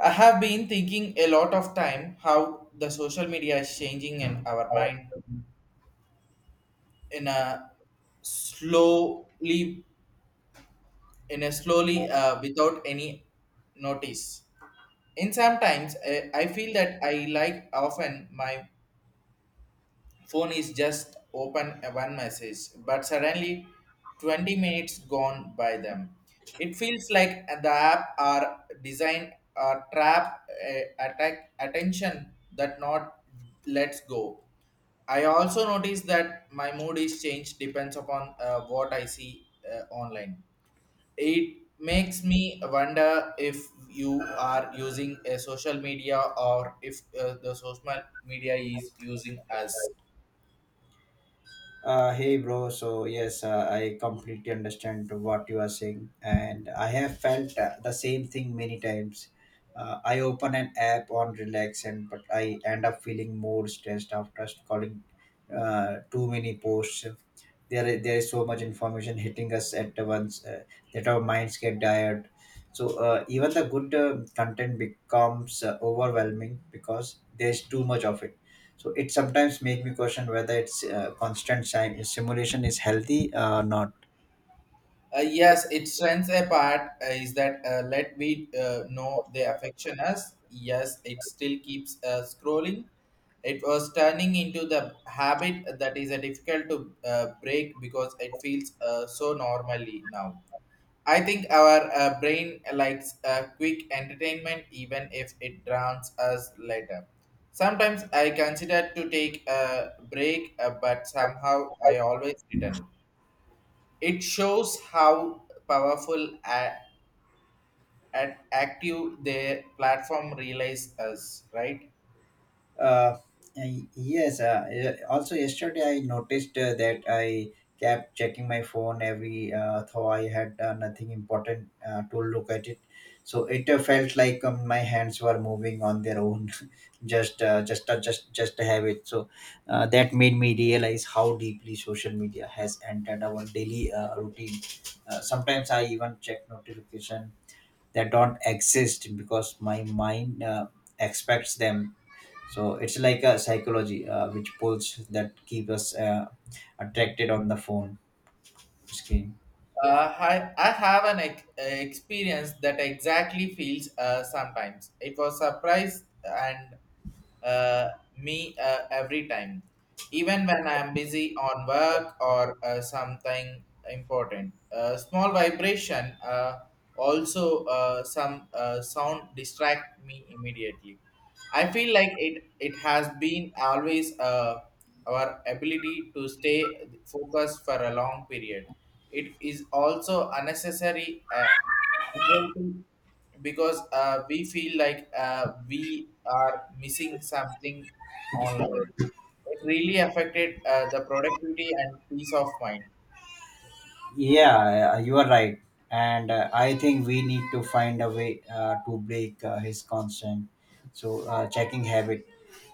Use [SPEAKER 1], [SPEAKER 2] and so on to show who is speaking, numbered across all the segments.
[SPEAKER 1] I have been thinking a lot of time how the social media is changing in our mind in a slowly in a slowly without any notice. In sometimes I feel that I like often my phone is just open a one message but suddenly 20 minutes gone by them it feels like the app are designed a trap, attack attention that not lets go. I also notice that my mood is changed depends upon what I see online. It makes me wonder if you are using a social media or if the social media is using us.
[SPEAKER 2] Hey bro, so yes, I completely understand what you are saying, and I have felt the same thing many times. I open an app on relax, and but I end up feeling more stressed after scrolling too many posts. There is so much information hitting us at once that our minds get tired. So even the good content becomes overwhelming because there is too much of it, so it sometimes make me question whether it's simulation is healthy or not.
[SPEAKER 1] Yes, it strengths a part is that let we know they affection us. Yes, it still keeps scrolling. It was turning into the habit that is difficult to break because it feels so normally now. I think our brain likes quick entertainment even if it drowns us later. Sometimes I consider to take a break, but somehow I always return. It shows how powerful and active their platform realize us, right?
[SPEAKER 2] Uh, yes. Also, yesterday I noticed that I kept checking my phone every though I had nothing important to look at it. So it felt like my hands were moving on their own, just a habit. So that made me realize how deeply social media has entered our daily routine. Sometimes I even check notification that don't exist because my mind expects them, so it's like a psychology which pulls that keep us attracted on the phone screen.
[SPEAKER 1] I have an experience that exactly feels sometimes. It was surprise and uh, me every time, even when I am busy on work or something important. Small vibration, also some sound distract me immediately. I feel like it has been always our ability to stay focused for a long period. It is also unnecessary, anxiety, because we feel like we are missing something online. It really affected the productivity and peace of mind.
[SPEAKER 2] Yeah, you are right, and I think we need to find a way to break his constant, so checking habit.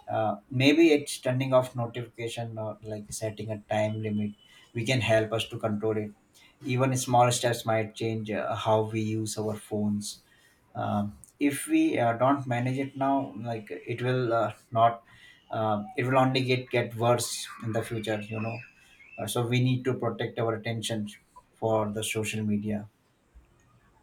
[SPEAKER 2] Maybe it's turning off notification or like setting a time limit, we can help us to control it. Even small steps might change how we use our phones. If we don't manage it now, like it will not, it will only get worse in the future. You know, so we need to protect our attention for the social media.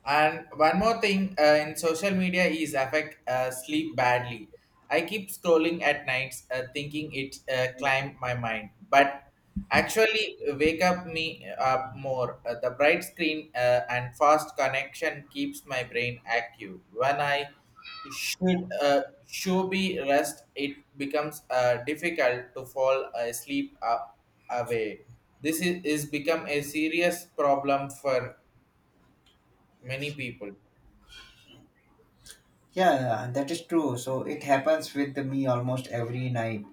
[SPEAKER 1] And one more thing, in social media is affect sleep badly. I keep scrolling at nights thinking it climb my mind, but actually wake up me up more. The bright screen and fast connection keeps my brain active. When I should be rest, it becomes difficult to fall asleep away. This is become a serious problem for many people.
[SPEAKER 2] Yeah, that is true. So it happens with me almost every night.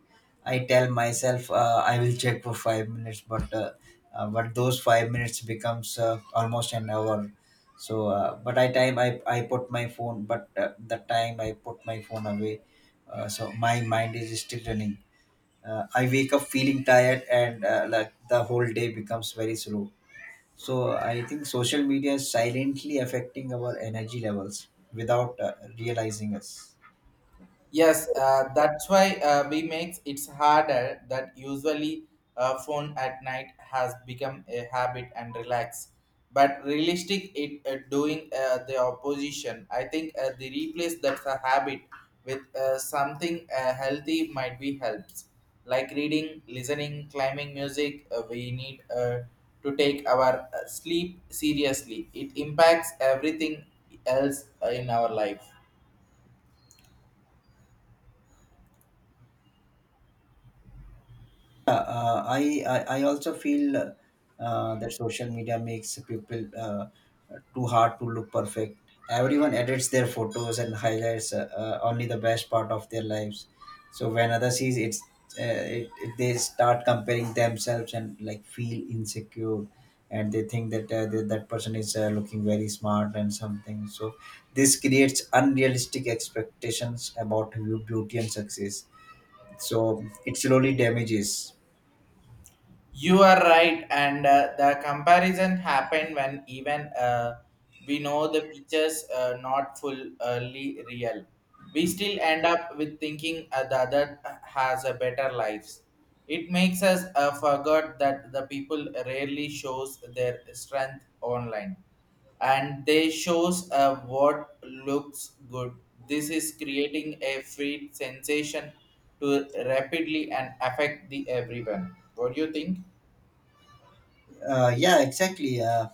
[SPEAKER 2] I tell myself I will check for 5 minutes, but those 5 minutes becomes almost an hour. So, but I time I put my phone, but the time I put my phone away, so my mind is still running. I wake up feeling tired, and like the whole day becomes very slow. So I think social media is silently affecting our energy levels without realizing us.
[SPEAKER 1] Yes, that's why we makes it's harder that usually phone at night has become a habit and relax. But realistic, it doing the opposition. I think the replace that's a habit with something healthy might be helps, like reading, listening, climbing music. We need to take our sleep seriously. It impacts everything else in our life.
[SPEAKER 2] I also feel that social media makes people too hard to look perfect. Everyone edits their photos and highlights only the best part of their lives. So when others sees it, they start comparing themselves and like feel insecure, and they think that that person is looking very smart and something. So this creates unrealistic expectations about beauty and success. So it slowly damages.
[SPEAKER 1] You are right, and the comparison happened when even we know the pictures not fully real. We still end up with thinking the other has a better lives. It makes us forget that the people rarely shows their strength online, and they shows what looks good. This is creating a free sensation to rapidly and affect the everyone. What do you think?
[SPEAKER 2] Yeah, exactly.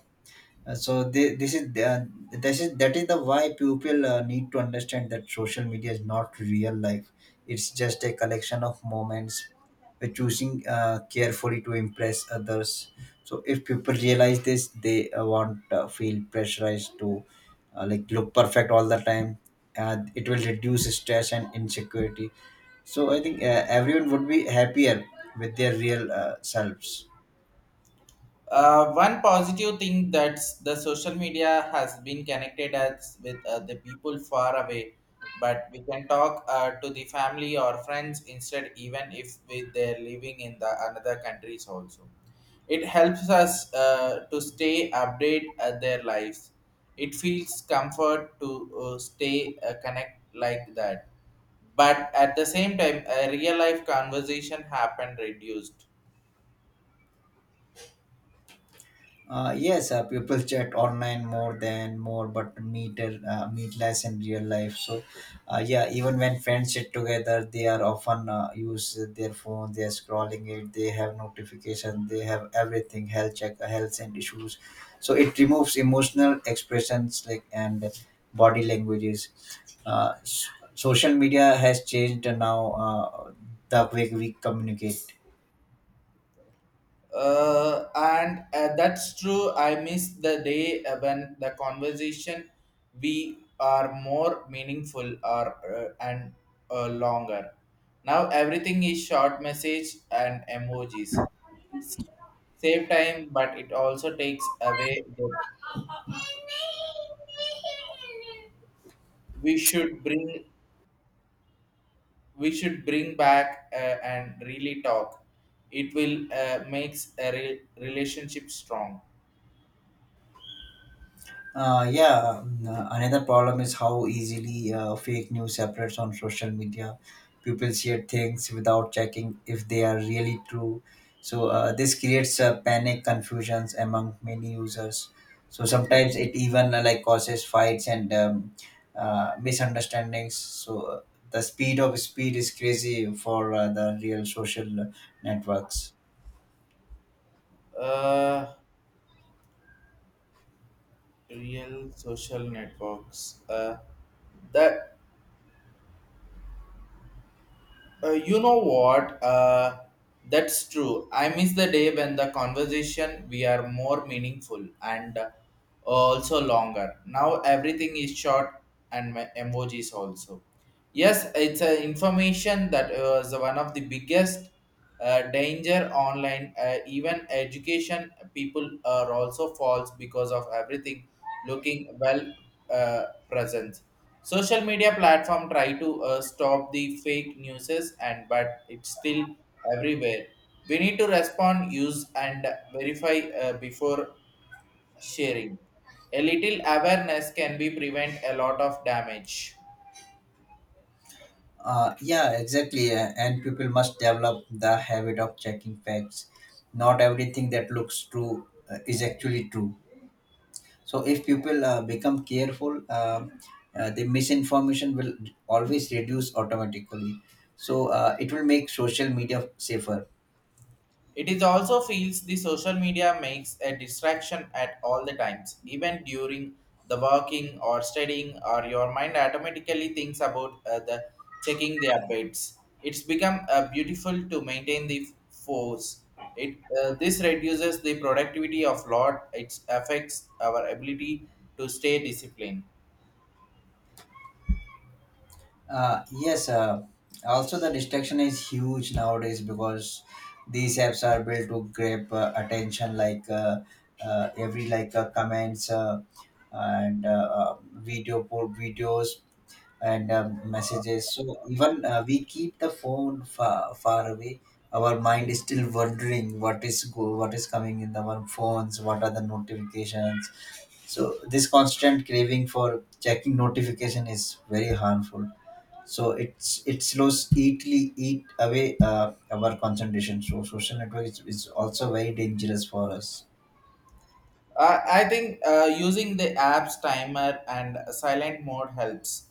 [SPEAKER 2] so thi- this is uh, this is that is the why people need to understand that social media is not real life. It's just a collection of moments. We're choosing carefully to impress others. So if people realize this, they won't feel pressurized to like look perfect all the time. It will reduce stress and insecurity. So I think everyone would be happier with their real selves.
[SPEAKER 1] One positive thing that the social media has been connected us with the people far away, but we can talk to the family or friends instead, even if we, they're living in the another countries also. It helps us to stay update their lives. It feels comfort to stay connect like that, but at the same time, a real life conversation happened reduced.
[SPEAKER 2] Yes, people chat online more than more, but meet less in real life. So, yeah, even when friends sit together, they are often use their phone. They are scrolling it. They have notification. They have everything. Health check, health and issues. So it removes emotional expressions like and body languages. Social media has changed now the way we communicate.
[SPEAKER 1] And that's true. I miss the day when the conversation we are more meaningful or, and longer. Now everything is short message and emojis. It's save time, but it also takes away the. we should bring we should bring back, and really talk. It will, makes a relationship strong.
[SPEAKER 2] Yeah, Another problem is how easily fake news spreads on social media. People share things without checking if they are really true. So this creates panic, confusions among many users. So sometimes it even like causes fights and misunderstandings. So the speed is crazy for the real social networks.
[SPEAKER 1] Uh. Real social networks. That You know what? That's true. I miss the day when the conversation we are more meaningful and, also longer. Now everything is short and my emojis also. Yes, it's a information that was one of the biggest, danger online. Even education people are also false because of everything looking well, uh, present. Social media platform try to stop the fake newses, and but it's still everywhere. We need to respond use and verify before sharing. A little awareness can be prevent a lot of damage.
[SPEAKER 2] Yeah, exactly. And people must develop the habit of checking facts. Not everything that looks true is actually true. So if people become careful, the misinformation will always reduce automatically. So it will make social media safer.
[SPEAKER 1] It is also feels the social media makes a distraction at all the times, even during the working or studying, or your mind automatically thinks about the checking the updates. It's become beautiful to maintain the force. It This reduces the productivity of lot. It affects our ability to stay disciplined.
[SPEAKER 2] Yes, also the distraction is huge nowadays because these apps are built to grab attention like every like comments videos and messages. So even we keep the phone far, far away. Our mind is still wondering what is coming in our phones, what are the notifications. So this constant craving for checking notification is very harmful, so it slows eat away our concentration. So social networks is also very dangerous for us.
[SPEAKER 1] I think using the apps timer and silent mode helps,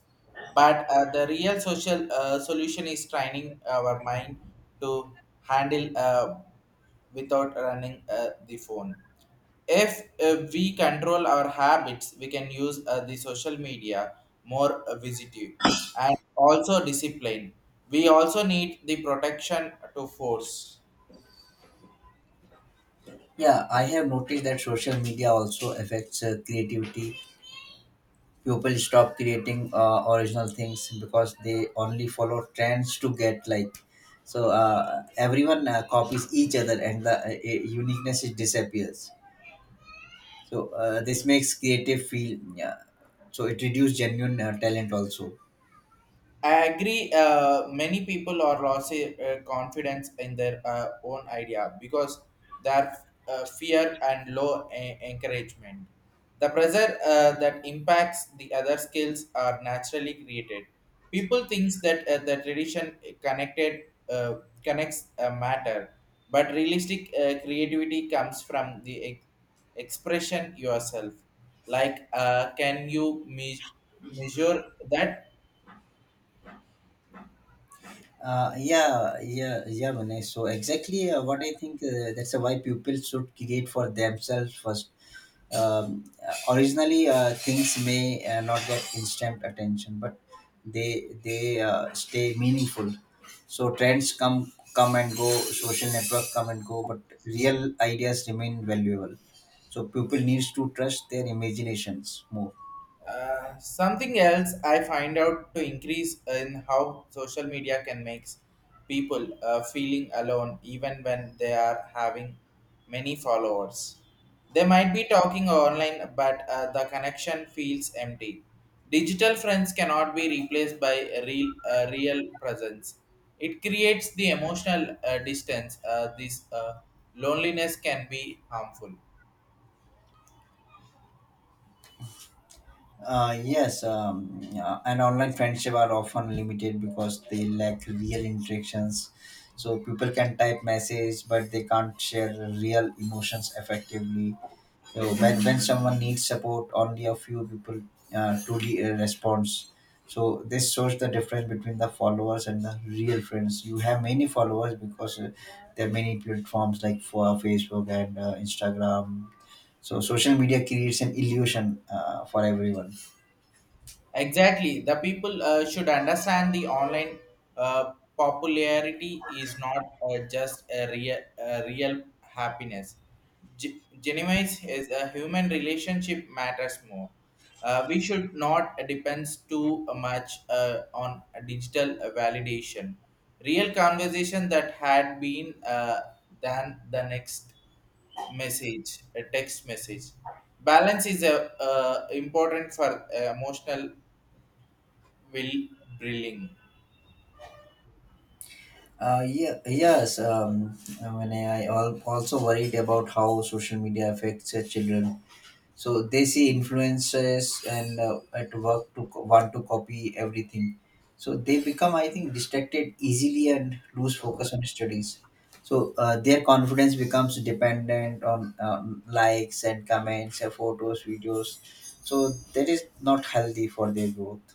[SPEAKER 1] but the real social solution is training our mind to handle, without running the phone. If we control our habits, we can use the social media more visitive and also discipline. We also need the protection to force.
[SPEAKER 2] Yeah, I have noticed that social media also affects creativity. People stop creating original things because they only follow trends to get like. So everyone copies each other, and the uniqueness is disappears. So this makes creative feel, yeah, so it reduces genuine talent also.
[SPEAKER 1] I agree. Many people are losing confidence in their own idea because their fear and low encouragement. The pressure that impacts the other skills are naturally created. People thinks that the tradition connected, uh, connects a matter, but realistic creativity comes from the expression yourself. Like, can you measure that?
[SPEAKER 2] Yeah, Vinay. So exactly what I think, that's why pupils should create for themselves first. Originally, things may not get instant attention, but they stay meaningful. So trends come and go, social network come and go, but real ideas remain valuable. So people needs to trust their imaginations more.
[SPEAKER 1] Something else I find out to increase in how social media can make people feeling alone even when they are having many followers. They might be talking online, but the connection feels empty. Digital friends cannot be replaced by a real presence. It creates the emotional distance. This loneliness can be harmful.
[SPEAKER 2] Yes, yeah, and online friendship are often limited because they lack real interactions. So people can type message, but they can't share real emotions effectively. So when someone needs support, only a few people truly responds. So this shows the difference between the followers and the real friends. You have many followers because there are many platforms like for Facebook and Instagram. So social media creates an illusion for everyone.
[SPEAKER 1] Exactly. The people should understand the online popularity is not just a real happiness. Genuine is a human relationship matters more. We should not depend too much on a digital validation. Real conversation that had been than the next message, a text message. Balance is a important for emotional Will Brilling.
[SPEAKER 2] Yeah, yes. When I also worried about how social media affects children. So they see influences and at work to want to copy everything. So they become, I think, distracted easily and lose focus on studies. So their confidence becomes dependent on likes and comments, photos, videos. So that is not healthy for their growth.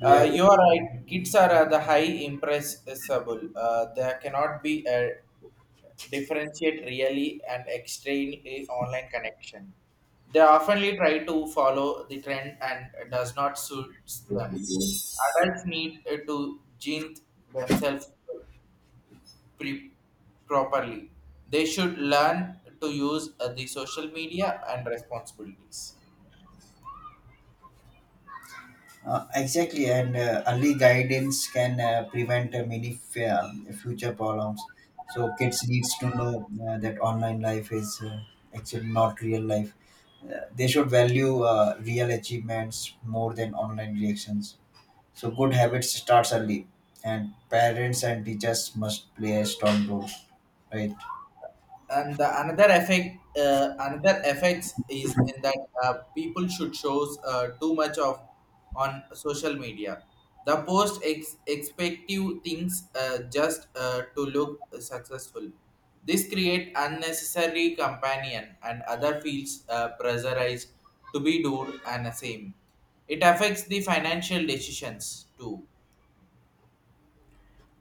[SPEAKER 2] Do you.
[SPEAKER 1] You are right. Kids are the high impressible. They cannot be a differentiate really and explain a online connection. They oftenly try to follow the trend and does not suits them. Adults need to gene themselves pre- properly. They should learn to use the social media and responsibilities.
[SPEAKER 2] Exactly, and early guidance can prevent many future problems. So kids needs to know that online life is actually not real life. They should value real achievements more than online reactions. So good habits starts early, and parents and teachers must play a strong role, right?
[SPEAKER 1] And the another effect another effects is in that people should shows too much of on social media, the post expective things, just to look successful. This create unnecessary companion and other feels pressurized to be do and the same. It affects the financial decisions too.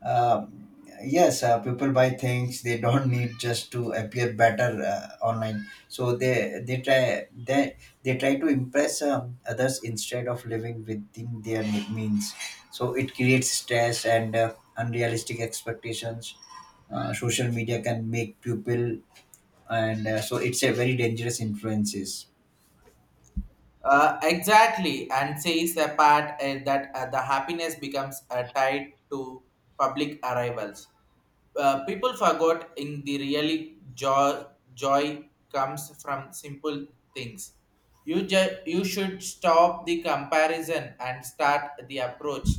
[SPEAKER 2] Uh, yes, people buy things they don't need just to appear better online. So they try to impress others instead of living within their means. So it creates stress and unrealistic expectations. Social media can make people, and so it's a very dangerous influences.
[SPEAKER 1] Exactly, and says a part that the happiness becomes tied to public arrivals. People forgot in the really joy comes from simple things. You should stop the comparison and start the approach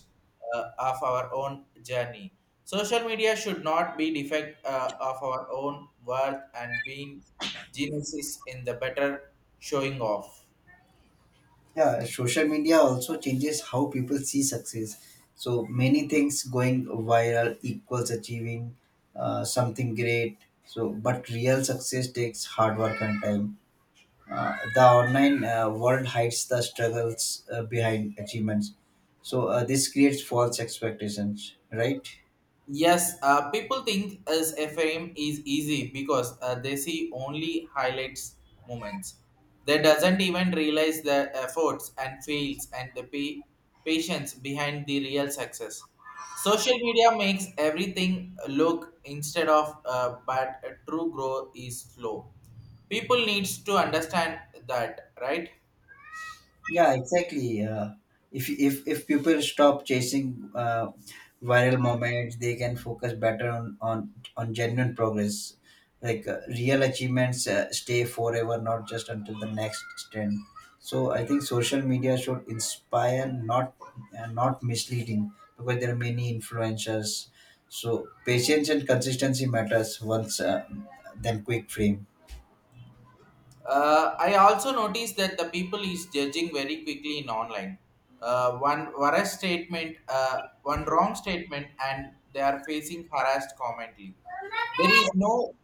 [SPEAKER 1] of our own journey. Social media should not be defect of our own worth and being geniuses in the better showing off.
[SPEAKER 2] Yeah, social media also changes how people see success. So many things going viral equals achieving something great. So, but real success takes hard work and time. The online world hides the struggles behind achievements. So this creates false expectations, right?
[SPEAKER 1] Yes, people think as FM is easy because they see only highlights moments. They doesn't even realize the efforts and fails and the patience behind the real success. Social media makes everything look instead of, but a true growth is slow. People needs to understand that, right?
[SPEAKER 2] Yeah, exactly. If people stop chasing viral moments, they can focus better on on genuine progress. Like real achievements stay forever, not just until the next trend. So I think social media should inspire, not not misleading, because there are many influencers. So patience and consistency matters once than quick fame.
[SPEAKER 1] I also noticed that the people is judging very quickly in online. One whereas statement, one wrong statement, and they are facing harassed commently. There is no,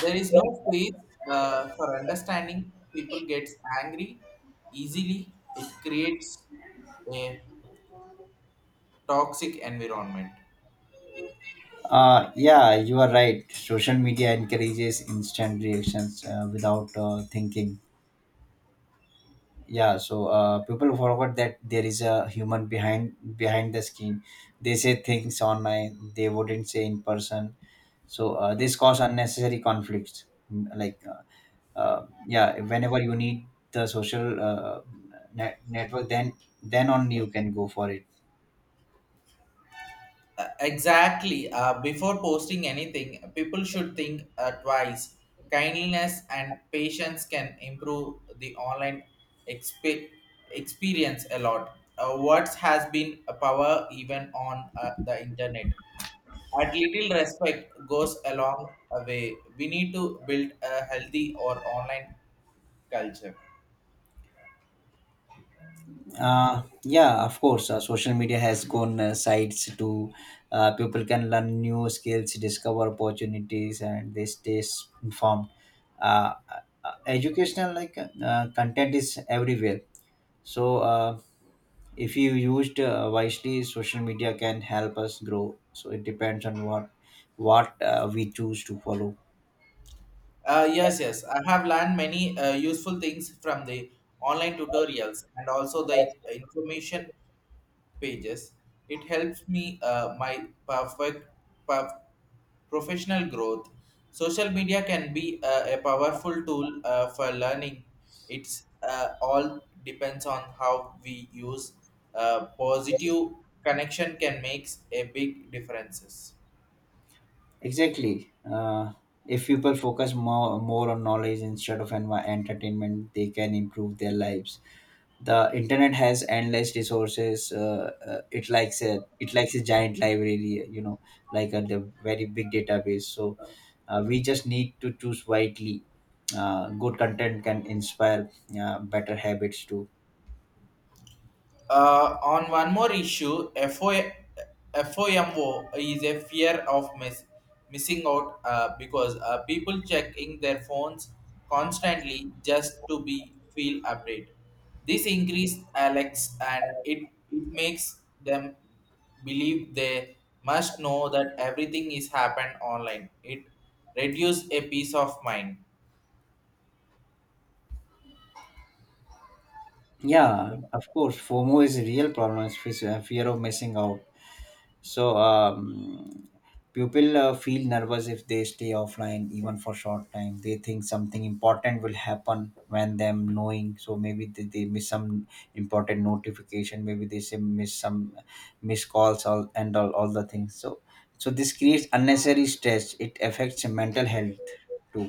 [SPEAKER 1] there is no space for understanding. People gets angry easily. It creates a toxic environment.
[SPEAKER 2] Yeah, you are right. Social media encourages instant reactions without thinking. Yeah, so people forgot that there is a human behind the screen. They say things online they wouldn't say in person. So this cause unnecessary conflicts. Mm, like, yeah, whenever you need the social network, then only you can go for it.
[SPEAKER 1] Exactly. Before posting anything, people should think twice. Kindness and patience can improve the online exp- experience a lot. Words has been a power even on the internet. At little respect goes a long way. We need to build a healthy or online culture.
[SPEAKER 2] Yeah, of course. Social media has gone sites to people can learn new skills, discover opportunities, and they stay informed. Uh, Educational like content is everywhere. So if you used wisely, social media can help us grow. So it depends on what we choose to follow.
[SPEAKER 1] Yes. I have learned many useful things from the online tutorials and also the information pages. It helps me my perf- professional growth. Social media can be a powerful tool for learning. It's all depends on how we use. Positive connection can make a big differences.
[SPEAKER 2] Exactly. If people focus more on knowledge instead of entertainment, they can improve their lives. The internet has endless resources, it likes a giant library, you know, like a the very big database. So we just need to choose wisely. Good content can inspire better habits too.
[SPEAKER 1] On one more issue, FOMO is a fear of missing out, because people checking their phones constantly just to be feel update. This increase Alex and it makes them believe they must know that everything is happened online. It reduces a peace of mind.
[SPEAKER 2] Yeah, of course, FOMO is a real problem. Fear of missing out. So people feel nervous if they stay offline even for short time. They think something important will happen when them knowing. So maybe they miss some important notification. Maybe they say miss some miss calls, all the things. So this creates unnecessary stress. It affects mental health too.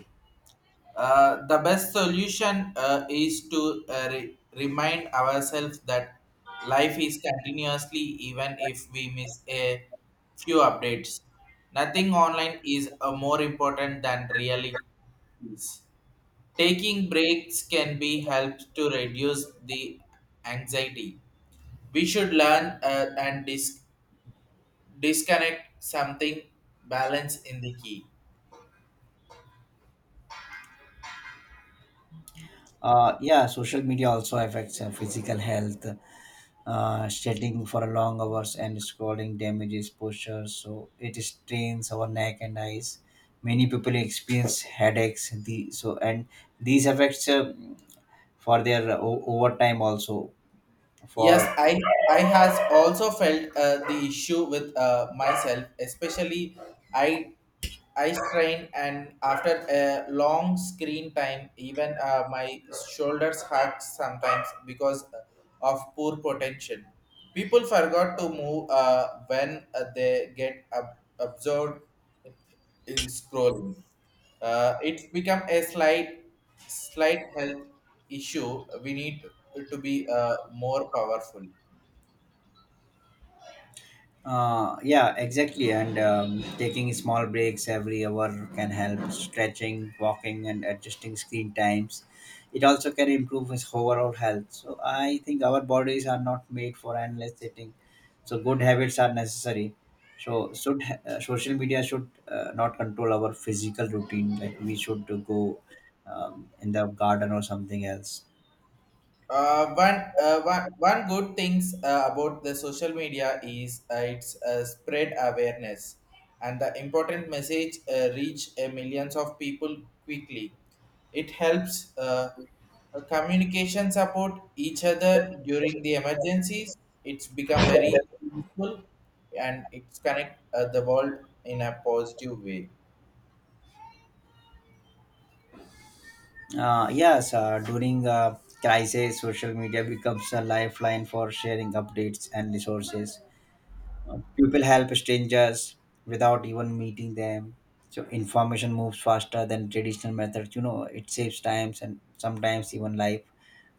[SPEAKER 1] The best solution is to, remind ourselves that life is continuously even if we miss a few updates. Nothing online is more important than really is. Taking breaks can be helps to reduce the anxiety. We should learn and disconnect something. Balance in the key.
[SPEAKER 2] Yeah, social media also affects physical health. Sitting for long hours and scrolling damages posture, so it strains our neck and eyes. Many people experience headaches, the so and these affects for their overtime also for.
[SPEAKER 1] Yes, I has also felt the issue with myself, especially I eye strain and after a long screen time even my shoulders hurt sometimes because of poor potential. People forgot to move when they get absorbed in scrolling. Uh, it's become a slight health issue. We need to be more powerful.
[SPEAKER 2] Yeah, exactly. And taking small breaks every hour can help: stretching, walking, and adjusting screen times. It also can improve his overall health. So I think our bodies are not made for endless sitting. So good habits are necessary. So should social media should not control our physical routine. Like we should go in the garden or something else.
[SPEAKER 1] One good things about the social media is it's spread awareness and the important message reach millions of people quickly. It helps communication support each other during the emergencies. It's become very useful and it's connect the world in a positive way.
[SPEAKER 2] Yes, during a crisis, social media becomes a lifeline for sharing updates and resources. People help strangers without even meeting them. So information moves faster than traditional methods. You know, it saves times and sometimes even life.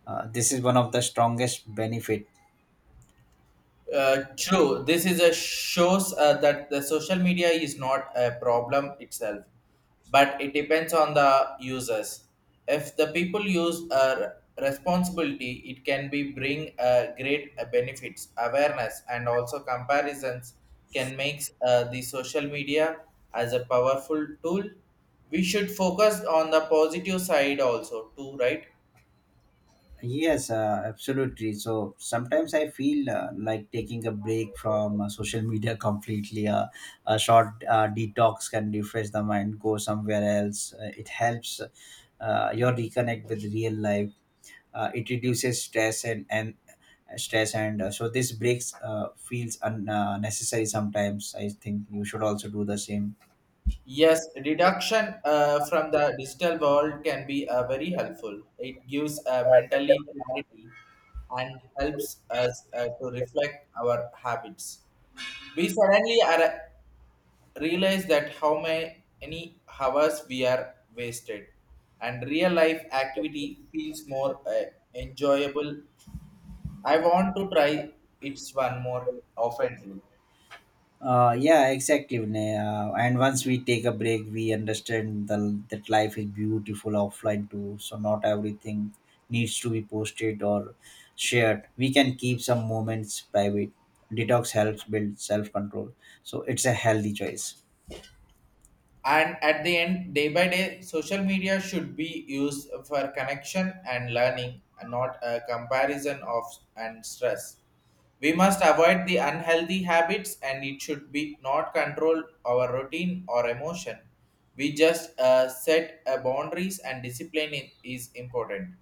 [SPEAKER 2] This is one of the strongest benefit.
[SPEAKER 1] True. This is a shows that the social media is not a problem itself, but it depends on the users. If the people use a responsibility, it can be bring great benefits, awareness, and also comparisons can make the social media as a powerful tool. We should focus on the positive side also too, right?
[SPEAKER 2] Yes, absolutely. So sometimes I feel like taking a break from social media completely. A short detox can refresh the mind, go somewhere else. It helps your reconnect with real life. It reduces stress and stress and so this breaks feels unnecessary sometimes. I think you should also do the same.
[SPEAKER 1] Yes, deduction from the digital world can be very helpful. It gives mentally clarity and helps us to reflect our habits. We realize that how many hours we are wasted, and real life activity feels more enjoyable. I want to try it's one more often.
[SPEAKER 2] Yeah, exactly, Vinay. And once we take a break, we understand that life is beautiful offline too. So not everything needs to be posted or shared. We can keep some moments private. Detox helps build self control. So it's a healthy choice.
[SPEAKER 1] And at the end day by day social media should be used for connection and learning and not a comparison of and stress. We must avoid the unhealthy habits and it should be not control our routine or emotion. We just set boundaries, and discipline is important.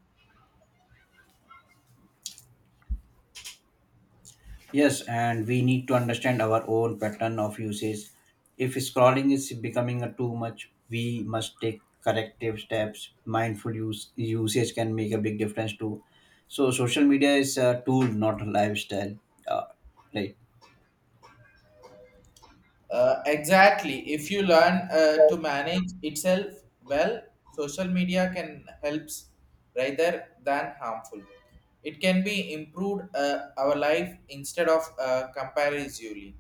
[SPEAKER 2] Yes, and we need to understand our own pattern of usage. If scrolling is becoming a too much, we must take corrective steps. Mindful use usage can make a big difference too. So social media is a tool, not a lifestyle. Uh, right.
[SPEAKER 1] Exactly. If you learn to manage itself well, social media can helps rather than harmful. It can be improved our life instead of, comparatively,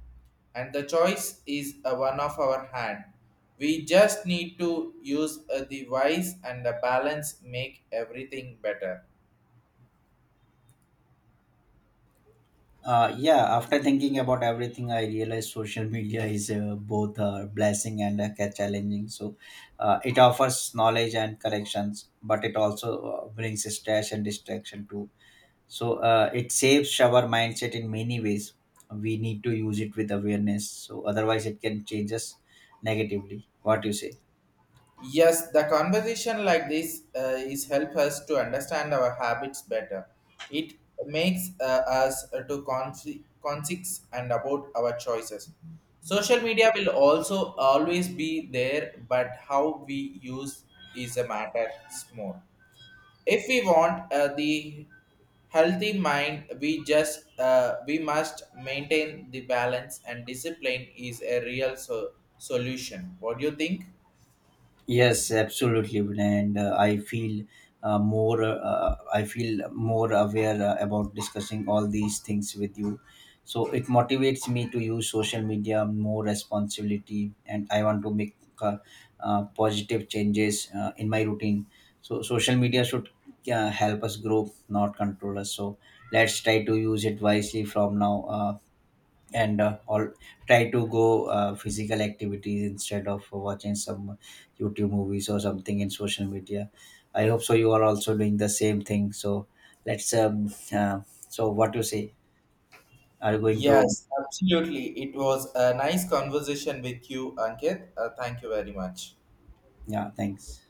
[SPEAKER 1] and the choice is one of our hand. We just need to use the wise and the balance make everything better.
[SPEAKER 2] Yeah. After thinking about everything, I realized social media is both a blessing and a challenging. So it offers knowledge and corrections, but it also brings stress and distraction too. So it saves our mindset in many ways. We need to use it with awareness, so otherwise it can change us negatively. What do you say?
[SPEAKER 1] Yes, the conversation like this is help us to understand our habits better. It makes us to conscious and about our choices. Social media will also always be there, but how we use is a matter more. If we want the healthy mind, we must maintain the balance and discipline is a real solution. What do you think?
[SPEAKER 2] Yes, absolutely, Vinay. And I feel more. I feel more aware about discussing all these things with you. So it motivates me to use social media more responsibility, and I want to make positive changes in my routine. So social media should help us grow, not control us. So let's try to use it wisely from now. And all try to go physical activities instead of watching some YouTube movies or something in social media. I hope so you are also doing the same thing. So let's so what you say? Are you going to?
[SPEAKER 1] Yes, absolutely. It was a nice conversation with you, Ankit. Thank you very much.
[SPEAKER 2] Yeah, thanks.